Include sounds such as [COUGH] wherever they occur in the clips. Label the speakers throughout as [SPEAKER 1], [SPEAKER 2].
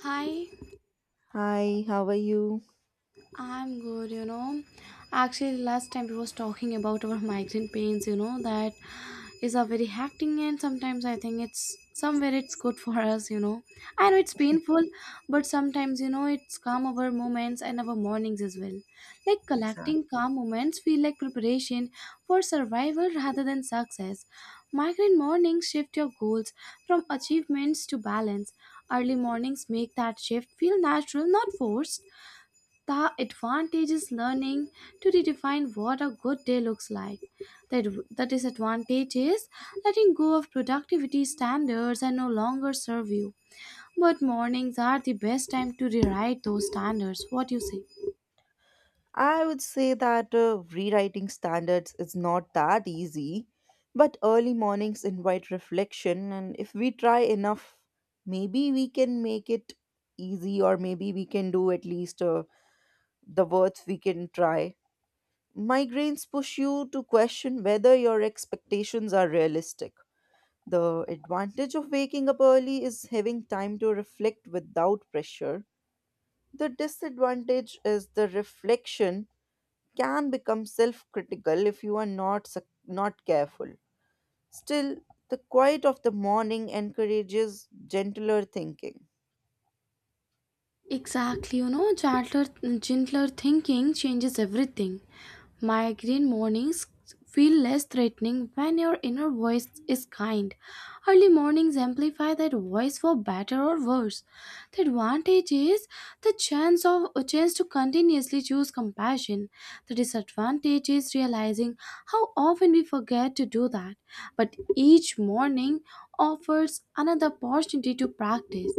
[SPEAKER 1] Hi,
[SPEAKER 2] Hi, how are you?
[SPEAKER 1] I'm good, you know. Actually, last time we was talking about our migraine pains, you know, that is a very hacking and sometimes I think it's somewhere it's good for us, you know. I know it's painful, but sometimes, you know, it's calm our moments and our mornings as well. Like
[SPEAKER 2] Exactly.
[SPEAKER 1] collecting calm moments feel like preparation for survival rather than success. Migraine mornings shift your goals from achievements to balance. Early mornings make that shift feel natural, not forced. The advantage is learning to redefine what a good day looks like. The disadvantage is letting go of productivity standards that no longer serve you. But mornings are the best time to rewrite those standards. What do you say?
[SPEAKER 2] I would say that rewriting standards is not that easy, but early mornings invite reflection, and if we try enough, maybe we can make it easy, or maybe we can do at least the words we can try. Migraines push you to question whether your expectations are realistic. The advantage of waking up early is having time to reflect without pressure. The disadvantage is the reflection can become self-critical if you are not careful. Still, the quiet of the morning encourages gentler thinking.
[SPEAKER 1] Exactly, you know, gentler thinking changes everything. Migraine mornings feel less threatening when your inner voice is kind. Early mornings amplify that voice for better or worse. The advantage is the chance of a chance to continuously choose compassion. The disadvantage is realizing how often we forget to do that. But each morning offers another opportunity to practice.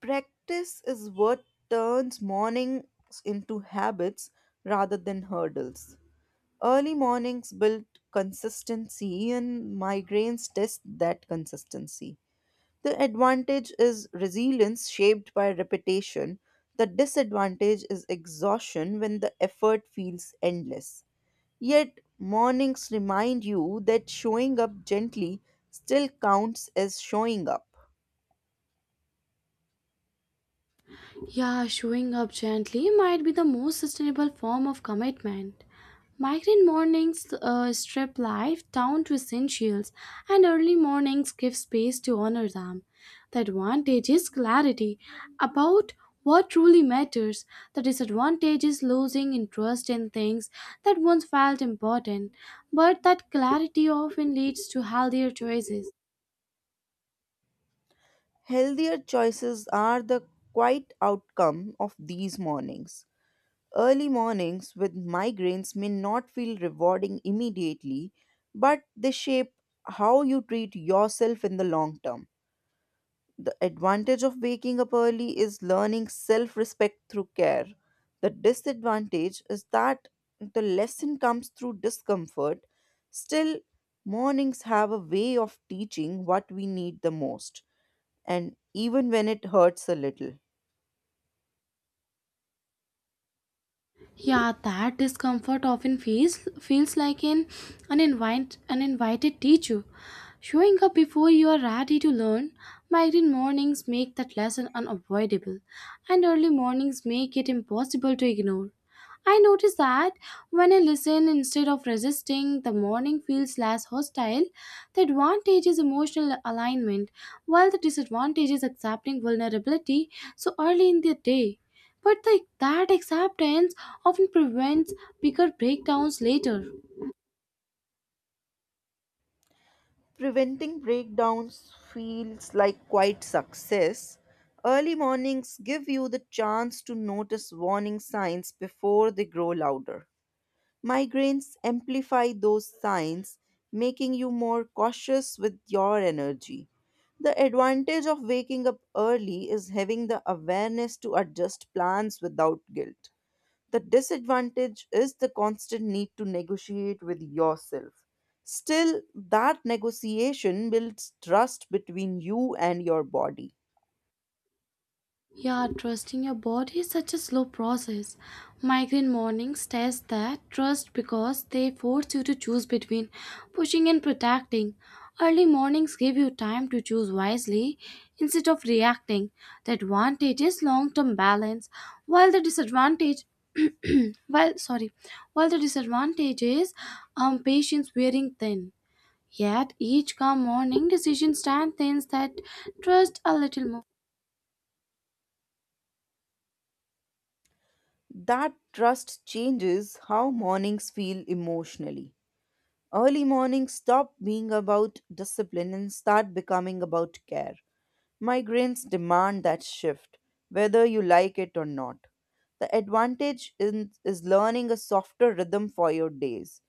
[SPEAKER 2] Practice is what turns mornings into habits rather than hurdles. Early mornings build consistency and migraines test that consistency. The advantage is resilience shaped by repetition. The disadvantage is exhaustion when the effort feels endless. Yet, mornings remind you that showing up gently still counts as showing up.
[SPEAKER 1] Yeah, showing up gently might be the most sustainable form of commitment. Migraine mornings strip life down to essentials, and early mornings give space to honor them. The advantage is clarity about what truly matters. The disadvantage is losing interest in things that once felt important, but that clarity often leads to healthier choices.
[SPEAKER 2] Healthier choices are the quiet outcome of these mornings. Early mornings with migraines may not feel rewarding immediately, but they shape how you treat yourself in the long term. The advantage of waking up early is learning self respect through care. The disadvantage is that the lesson comes through discomfort. Still, mornings have a way of teaching what we need the most and even when it hurts a little.
[SPEAKER 1] Yeah, that discomfort often feels like an uninvited teacher. Showing up before you are ready to learn, migraine mornings make that lesson unavoidable, and early mornings make it impossible to ignore. I notice that when I listen instead of resisting, the morning feels less hostile. The advantage is emotional alignment, while the disadvantage is accepting vulnerability so early in the day. But that acceptance often prevents bigger breakdowns later.
[SPEAKER 2] Preventing breakdowns feels like quite success. Early mornings give you the chance to notice warning signs before they grow louder. Migraines amplify those signs, making you more cautious with your energy. The advantage of waking up early is having the awareness to adjust plans without guilt. The disadvantage is the constant need to negotiate with yourself. Still, that negotiation builds trust between you and your body.
[SPEAKER 1] Yeah, trusting your body is such a slow process. Migraine mornings test that trust because they force you to choose between pushing and protecting. Early mornings give you time to choose wisely instead of reacting. The advantage is long-term balance, while the disadvantage [CLEARS THROAT] while sorry, while the disadvantage is patience wearing thin. Yet each calm morning decision strengthens that trust a little more.
[SPEAKER 2] That trust changes how mornings feel emotionally. Early mornings stop being about discipline and start becoming about care. Migraines demand that shift, whether you like it or not. The is learning a softer rhythm for your days.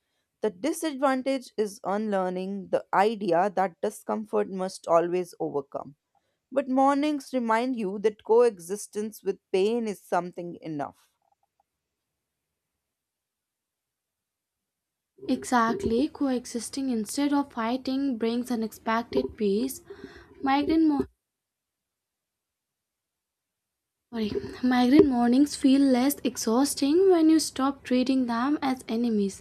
[SPEAKER 2] The disadvantage is unlearning the idea that discomfort must always overcome. But mornings remind you that coexistence with pain is something enough.
[SPEAKER 1] Exactly, coexisting instead of fighting brings unexpected peace. Migraine, mo- sorry. Migraine mornings feel less exhausting when you stop treating them as enemies.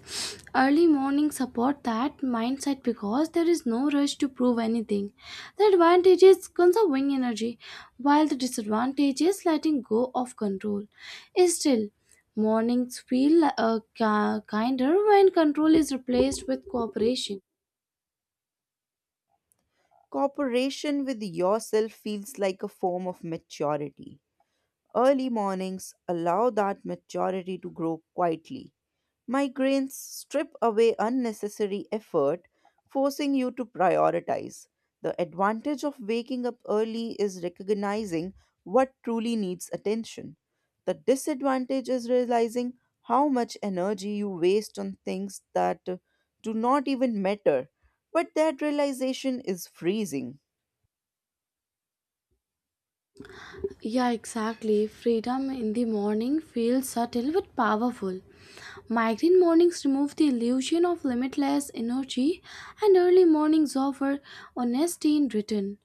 [SPEAKER 1] Early mornings support that mindset because there is no rush to prove anything. The advantage is conserving energy, while the disadvantage is letting go of control. Still, mornings feel kinder when control is replaced with cooperation.
[SPEAKER 2] Cooperation with yourself feels like a form of maturity. Early mornings allow that maturity to grow quietly. Migraines strip away unnecessary effort, forcing you to prioritize. The advantage of waking up early is recognizing what truly needs attention. The disadvantage is realizing how much energy you waste on things that do not even matter. But that realization is freezing.
[SPEAKER 1] Yeah, exactly. Freedom in the morning feels subtle but powerful. Migraine mornings remove the illusion of limitless energy, and early mornings offer honesty in return.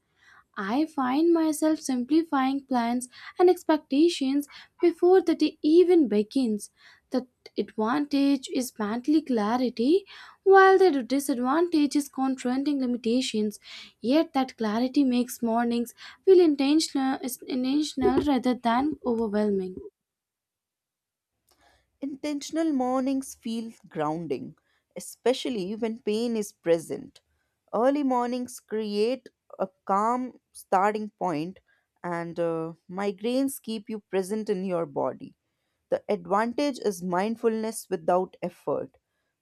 [SPEAKER 1] I find myself simplifying plans and expectations before the day even begins. The advantage is mentally clarity, while the disadvantage is confronting limitations. Yet that clarity makes mornings feel intentional rather than overwhelming.
[SPEAKER 2] Intentional mornings feel grounding, especially when pain is present. Early mornings create a calm starting point, and migraines keep you present in your body. The advantage is mindfulness without effort.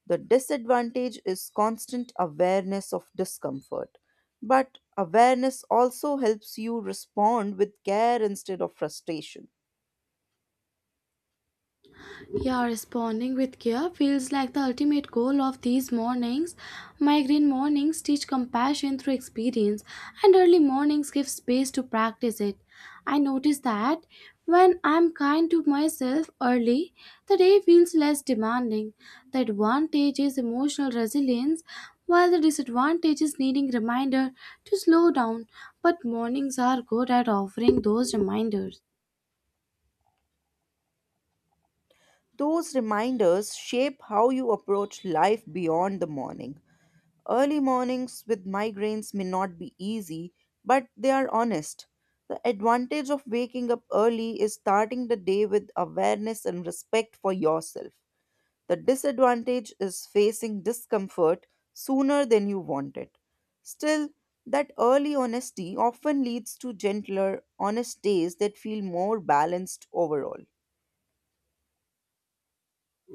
[SPEAKER 2] The disadvantage is constant awareness of discomfort. But awareness also helps you respond with care instead of frustration.
[SPEAKER 1] Yeah, responding with care feels like the ultimate goal of these mornings. Migraine mornings teach compassion through experience, and early mornings give space to practice it. I notice that when I'm kind to myself early, the day feels less demanding. The advantage is emotional resilience, while the disadvantage is needing reminder to slow down. But mornings are good at offering those reminders.
[SPEAKER 2] Those reminders shape how you approach life beyond the morning. Early mornings with migraines may not be easy, but they are honest. The advantage of waking up early is starting the day with awareness and respect for yourself. The disadvantage is facing discomfort sooner than you want it. Still, that early honesty often leads to gentler, honest days that feel more balanced overall.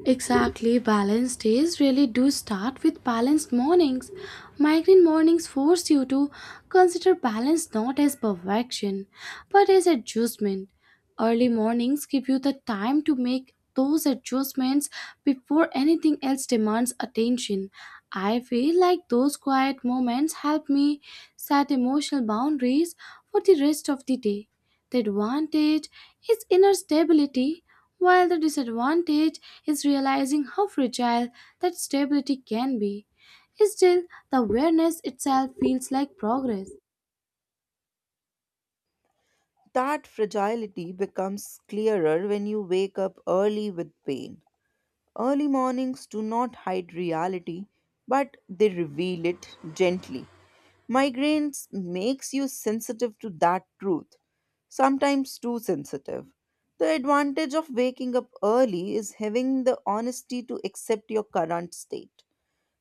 [SPEAKER 1] Exactly, balanced days really do start with balanced mornings. Migraine mornings force you to consider balance not as perfection, but as adjustment. Early mornings give you the time to make those adjustments before anything else demands attention. I feel like those quiet moments help me set emotional boundaries for the rest of the day. The advantage is inner stability, while the disadvantage is realizing how fragile that stability can be. Still, the awareness itself feels like progress.
[SPEAKER 2] That fragility becomes clearer when you wake up early with pain. Early mornings do not hide reality, but they reveal it gently. Migraines makes you sensitive to that truth, sometimes too sensitive. The advantage of waking up early is having the honesty to accept your current state.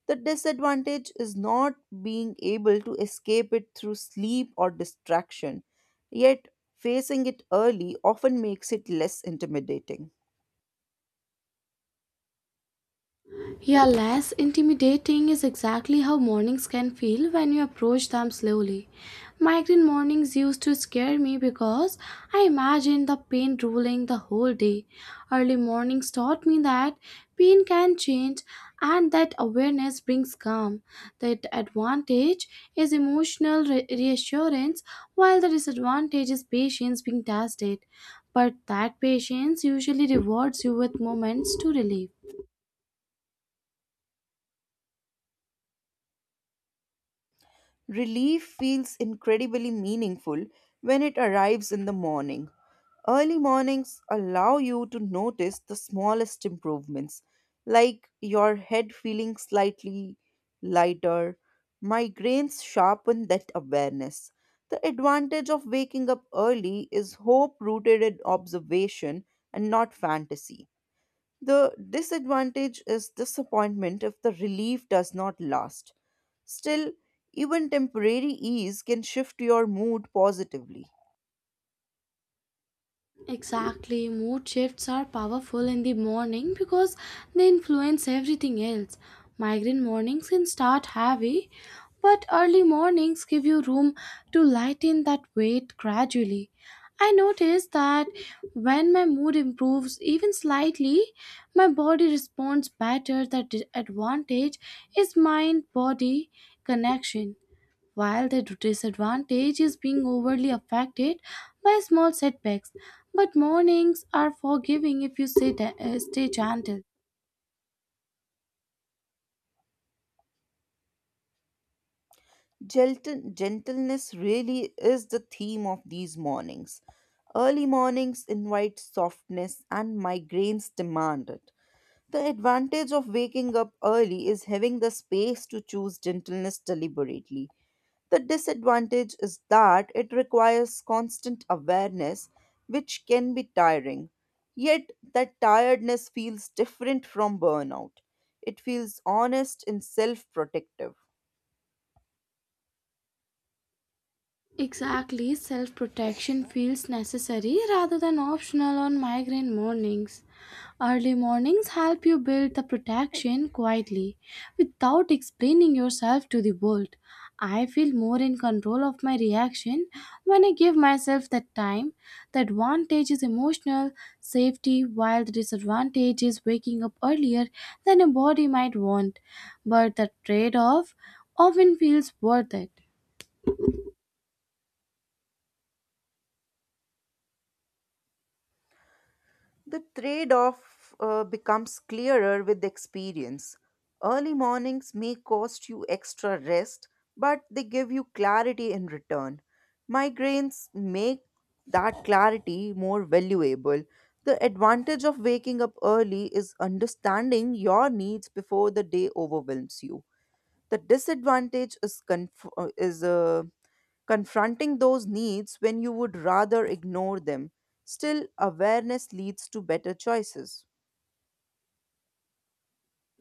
[SPEAKER 2] The disadvantage is not being able to escape it through sleep or distraction, yet, facing it early often makes it less intimidating.
[SPEAKER 1] Yeah, less intimidating is exactly how mornings can feel when you approach them slowly. Migraine mornings used to scare me because I imagined the pain ruling the whole day. Early mornings taught me that pain can change and that awareness brings calm. The advantage is emotional reassurance, while the disadvantage is patience being tested. But that patience usually rewards you with moments to relieve.
[SPEAKER 2] Relief feels incredibly meaningful when it arrives in the morning. Early mornings allow you to notice the smallest improvements, like your head feeling slightly lighter. Migraines sharpen that awareness. The advantage of waking up early is hope rooted in observation and not fantasy. The disadvantage is disappointment if the relief does not last. Still, even temporary ease can shift your mood positively.
[SPEAKER 1] Exactly, mood shifts are powerful in the morning because they influence everything else. Migraine mornings can start heavy, but early mornings give you room to lighten that weight gradually. I notice that when my mood improves even slightly, my body responds better. That advantage is mind body connection while the disadvantage is being overly affected by small setbacks. But mornings are forgiving if you stay gentle.
[SPEAKER 2] Gentleness really is the theme of these mornings. Early mornings invite softness and migraines demand it. The advantage of waking up early is having the space to choose gentleness deliberately. The disadvantage is that it requires constant awareness, which can be tiring. Yet, that tiredness feels different from burnout. It feels honest and self protective.
[SPEAKER 1] Exactly, self protection feels necessary rather than optional on migraine mornings. Early mornings help you build the protection quietly without explaining yourself to the world. I feel more in control of my reaction when I give myself that time. The advantage is emotional safety, while the disadvantage is waking up earlier than a body might want. But the trade off often feels worth it.
[SPEAKER 2] The trade off becomes clearer with experience. Early mornings may cost you extra rest, but they give you clarity in return. Migraines make that clarity more valuable. The advantage of waking up early is understanding your needs before the day overwhelms you. The disadvantage is confronting those needs when you would rather ignore them. Still, awareness leads to better choices.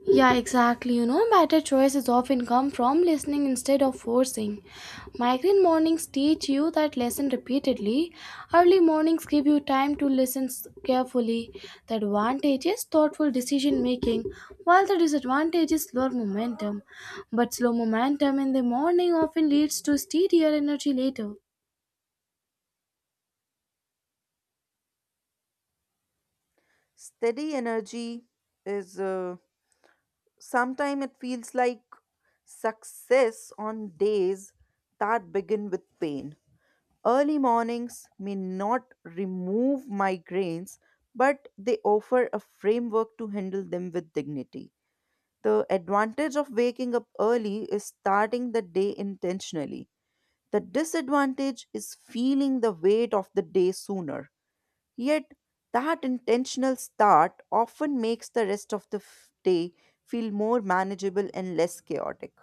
[SPEAKER 1] Yeah, exactly. You know, better choices often come from listening instead of forcing. Migraine mornings teach you that lesson repeatedly. Early mornings give you time to carefully. The advantage is thoughtful decision making, while the disadvantage is slow momentum. But slow momentum in the morning often leads to steadier energy later.
[SPEAKER 2] Steady energy is sometimes it feels like success on days that begin with pain. Early mornings may not remove migraines, but they offer a framework to handle them with dignity. The advantage of waking up early is starting the day intentionally. The disadvantage is feeling the weight of the day sooner. Yet, that intentional start often makes the rest of day feel more manageable and less chaotic.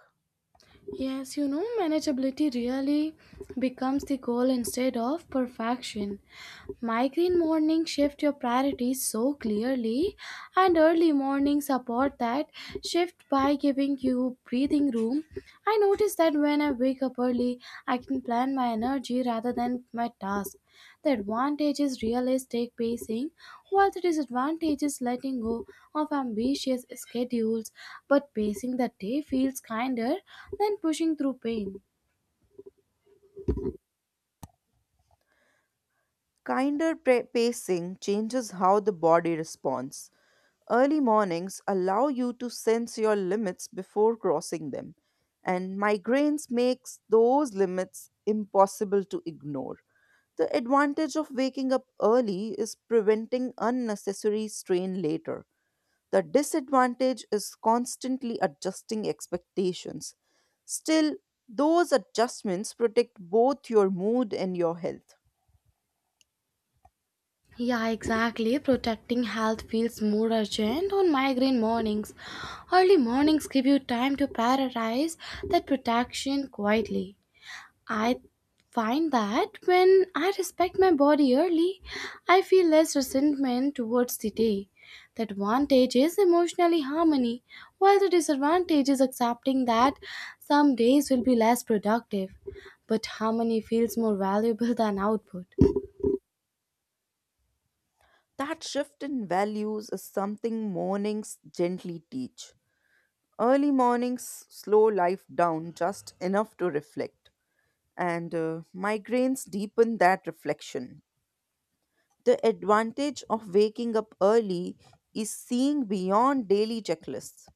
[SPEAKER 1] Yes, you know, manageability really becomes the goal instead of perfection. Migraine morning shift your priorities so clearly, and early morning support that shift by giving you breathing room. I notice that when I wake up early, I can plan my energy rather than my task. The advantage is realistic pacing while the disadvantage is letting go of ambitious schedules, but pacing the day feels kinder than pushing through pain.
[SPEAKER 2] Pacing changes how the body responds. Early mornings allow you to sense your limits before crossing them, and migraines makes those limits impossible to ignore. The advantage of waking up early is preventing unnecessary strain later. The disadvantage is constantly adjusting expectations. Still, those adjustments protect both your mood and your health.
[SPEAKER 1] Yeah, exactly. Protecting health feels more urgent on migraine mornings. Early mornings give you time to prioritize that protection quietly. I find that when I respect my body early, I feel less resentment towards the day. The advantage is emotionally harmony, while the disadvantage is accepting that some days will be less productive. But harmony feels more valuable than output.
[SPEAKER 2] That shift in values is something mornings gently teach. Early mornings slow life down just enough to reflect, and migraines deepen that reflection. The advantage of waking up early is seeing beyond daily checklists.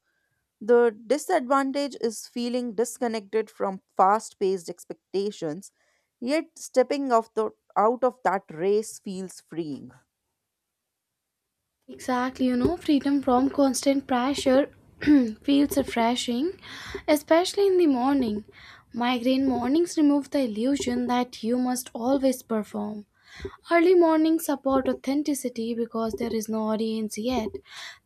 [SPEAKER 2] The disadvantage is feeling disconnected from fast paced expectations, yet stepping out of that race feels freeing.
[SPEAKER 1] Exactly, you know, freedom from constant pressure [CLEARS THROAT] feels refreshing, especially in the morning. Migraine mornings remove the illusion that you must always perform. Early mornings support authenticity because there is no audience yet.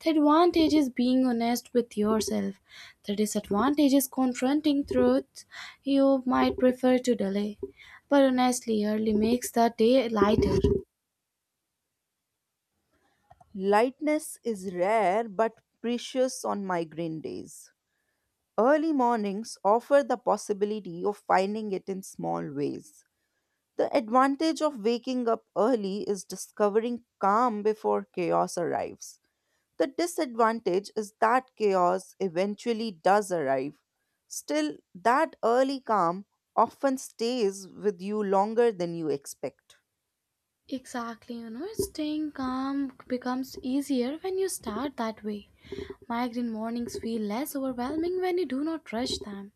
[SPEAKER 1] The advantage is being honest with yourself. The disadvantage is confronting truths you might prefer to delay. But honestly, early makes the day lighter.
[SPEAKER 2] Lightness is rare but precious on migraine days. Early mornings offer the possibility of finding it in small ways. The advantage of waking up early is discovering calm before chaos arrives. The disadvantage is that chaos eventually does arrive. Still, that early calm often stays with you longer than you expect.
[SPEAKER 1] Exactly, you know, staying calm becomes easier when you start that way. Migraine mornings feel less overwhelming when you do not rush them.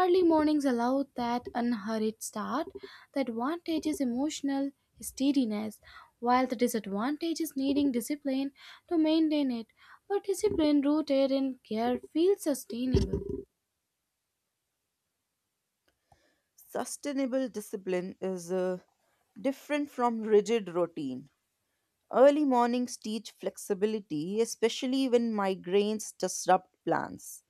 [SPEAKER 1] Early mornings allow that unhurried start. The advantage is emotional steadiness, while the disadvantage is needing discipline to maintain it. But discipline rooted in care feels sustainable.
[SPEAKER 2] Sustainable discipline is different from rigid routine. Early mornings teach flexibility, especially when migraines disrupt plans.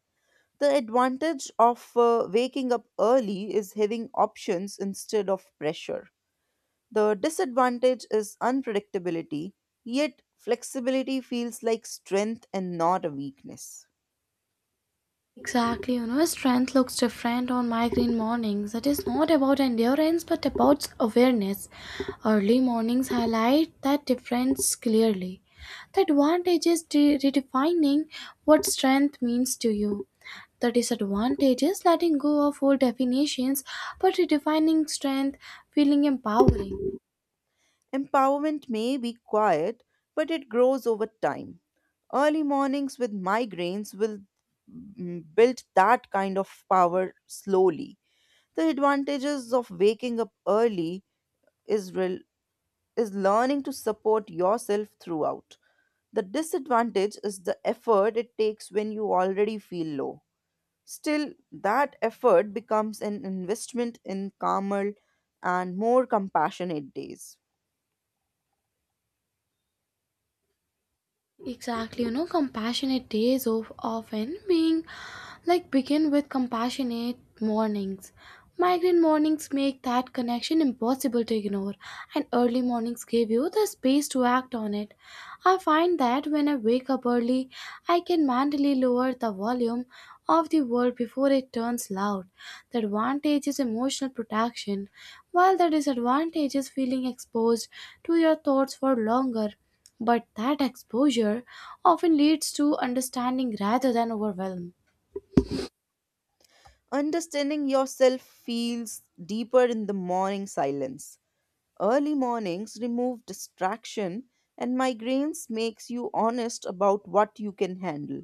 [SPEAKER 2] The advantage of waking up early is having options instead of pressure. The disadvantage is unpredictability, yet, flexibility feels like strength and not a weakness.
[SPEAKER 1] Exactly, you know, strength looks different on migraine mornings. It is not about endurance but about awareness. Early mornings highlight that difference clearly. The advantage is redefining what strength means to you. The disadvantage is letting go of old definitions but redefining strength, feeling empowering.
[SPEAKER 2] Empowerment may be quiet, but it grows over time. Early mornings with migraines will build that kind of power slowly. The advantages of waking up early is rel- is learning to support yourself throughout. The disadvantage is the effort it takes when you already feel low. Still, that effort becomes an investment in calmer and more compassionate days.
[SPEAKER 1] Exactly, you know, compassionate days of often being like begin with compassionate mornings. Migraine mornings make that connection impossible to ignore, and early mornings give you the space to act on it. I find that when I wake up early, I can mentally lower the volume of the world before it turns loud. The advantage is emotional protection, while the disadvantage is feeling exposed to your thoughts for longer. But that exposure often leads to understanding rather than overwhelm.
[SPEAKER 2] Understanding yourself feels deeper in the morning silence. Early mornings remove distraction and migraines makes you honest about what you can handle.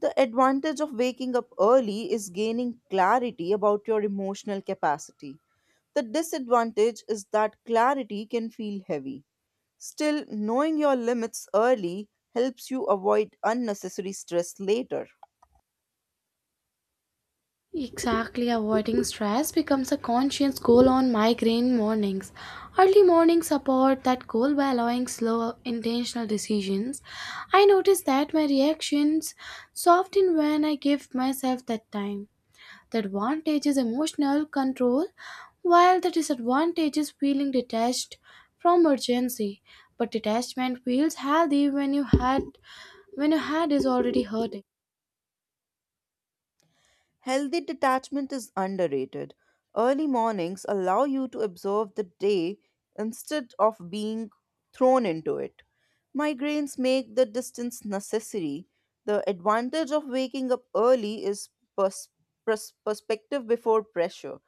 [SPEAKER 2] The advantage of waking up early is gaining clarity about your emotional capacity. The disadvantage is that clarity can feel heavy. Still, knowing your limits early helps you avoid unnecessary stress later.
[SPEAKER 1] Exactly, avoiding stress becomes a conscious goal on migraine mornings. Early mornings support that goal by allowing slow, intentional decisions. I notice that my reactions soften when I give myself that time. The advantage is emotional control, while the disadvantage is feeling detached from urgency. But detachment feels healthy when your head is already hurting.
[SPEAKER 2] Healthy detachment is underrated. Early mornings allow you to observe the day instead of being thrown into it. Migraines make the distance necessary. The advantage of waking up early is pers- perspective before pressure.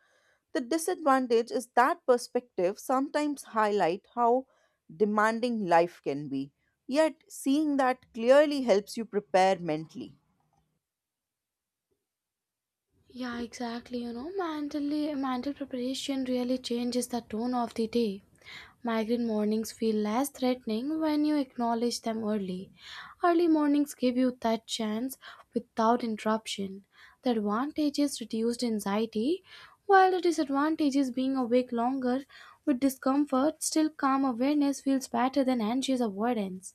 [SPEAKER 2] The disadvantage is that perspective sometimes highlight how demanding life can be. Yet seeing that clearly helps you prepare mentally.
[SPEAKER 1] Yeah, exactly. You know, mental preparation really changes the tone of the day. Migraine mornings feel less threatening when you acknowledge them early. Early mornings give you that chance without interruption. The advantage is reduced anxiety, while the disadvantage is being awake longer with discomfort. Still, calm awareness feels better than anxious avoidance.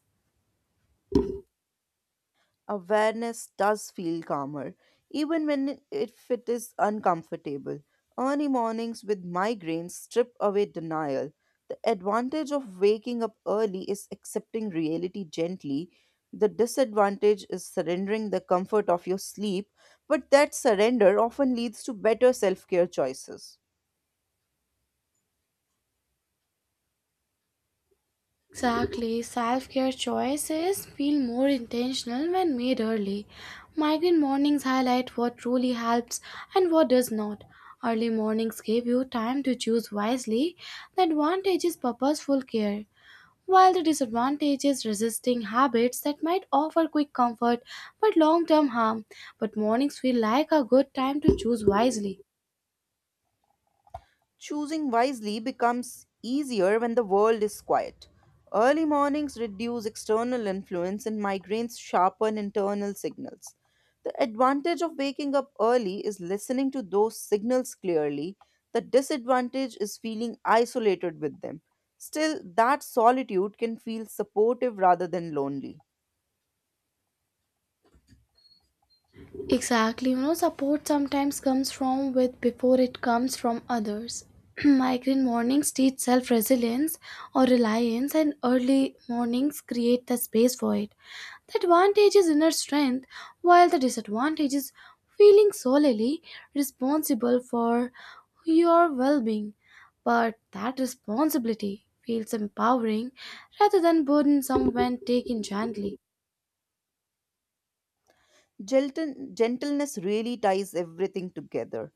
[SPEAKER 2] Awareness does feel calmer, even if it is uncomfortable. Early mornings with migraines strip away denial. The advantage of waking up early is accepting reality gently. The disadvantage is surrendering the comfort of your sleep, but that surrender often leads to better self care choices.
[SPEAKER 1] Exactly. Self care choices feel more intentional when made early. Migraine mornings highlight what truly helps and what does not. Early mornings give you time to choose wisely. The advantage is purposeful care, while the disadvantage is resisting habits that might offer quick comfort but long term harm. But mornings feel like a good time to choose wisely.
[SPEAKER 2] Choosing wisely becomes easier when the world is quiet. Early mornings reduce external influence and migraines sharpen internal signals. The advantage of waking up early is listening to those signals clearly. The disadvantage is feeling isolated with them. Still, that solitude can feel supportive rather than lonely.
[SPEAKER 1] Exactly, you know, support sometimes comes from with before it comes from others. [CLEARS THROAT] Migraine mornings teach self resilience or reliance, and early mornings create the space for it. The advantage is inner strength, while the disadvantage is feeling solely responsible for your well being. But that responsibility feels empowering rather than burdensome when taken gently.
[SPEAKER 2] Gentleness really ties everything together.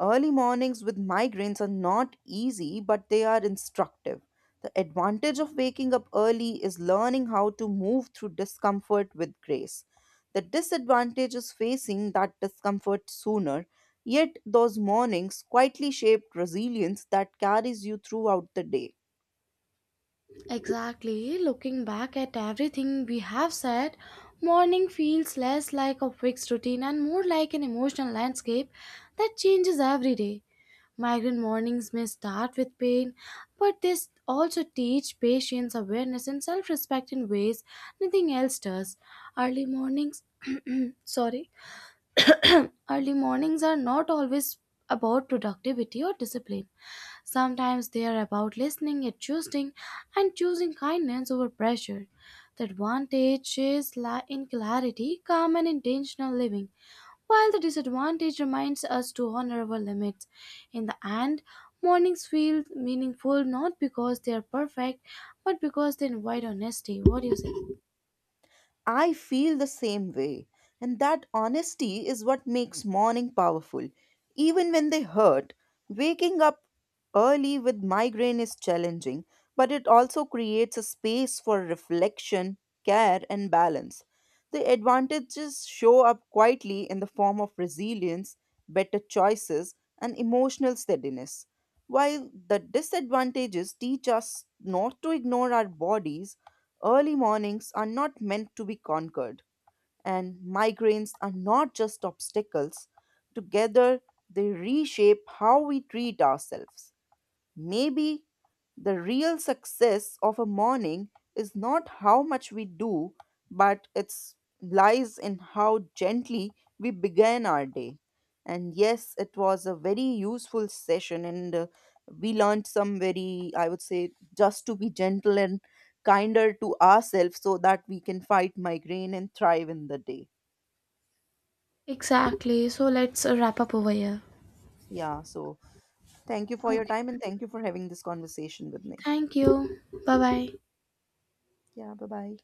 [SPEAKER 2] Early mornings with migraines are not easy, but they are instructive. The advantage of waking up early is learning how to move through discomfort with grace. The disadvantage is facing that discomfort sooner, yet, those mornings quietly shape resilience that carries you throughout the day.
[SPEAKER 1] Exactly. Looking back at everything we have said, morning feels less like a fixed routine and more like an emotional landscape that changes every day. Migraine mornings may start with pain, but they also teach patience, awareness, and self respect in ways nothing else does. Early mornings, [CLEARS THROAT] sorry, [CLEARS THROAT] early mornings are not always about productivity or discipline. Sometimes they are about listening and choosing kindness over pressure. The advantage is in clarity, calm, and intentional living, while the disadvantage reminds us to honor our limits. In the end, mornings feel meaningful not because they are perfect, but because they invite honesty. What do you say?
[SPEAKER 2] I feel the same way, and that honesty is what makes morning powerful. Even when they hurt, waking up early with migraine is challenging, but it also creates a space for reflection, care, and balance. The advantages show up quietly in the form of resilience, better choices, and emotional steadiness. While the disadvantages teach us not to ignore our bodies, early mornings are not meant to be conquered, and migraines are not just obstacles. Together, they reshape how we treat ourselves. Maybe the real success of a morning is not how much we do, but it lies in how gently we began our day. And yes, it was a very useful session, and we learned some very, I would say, just to be gentle and kinder to ourselves so that we can fight migraine and thrive in the day.
[SPEAKER 1] Exactly. So let's wrap up over here.
[SPEAKER 2] Yeah, so thank you for your
[SPEAKER 1] Okay.
[SPEAKER 2] time and thank you for having this conversation with me.
[SPEAKER 1] Thank you. Bye bye.
[SPEAKER 2] Yeah, bye bye.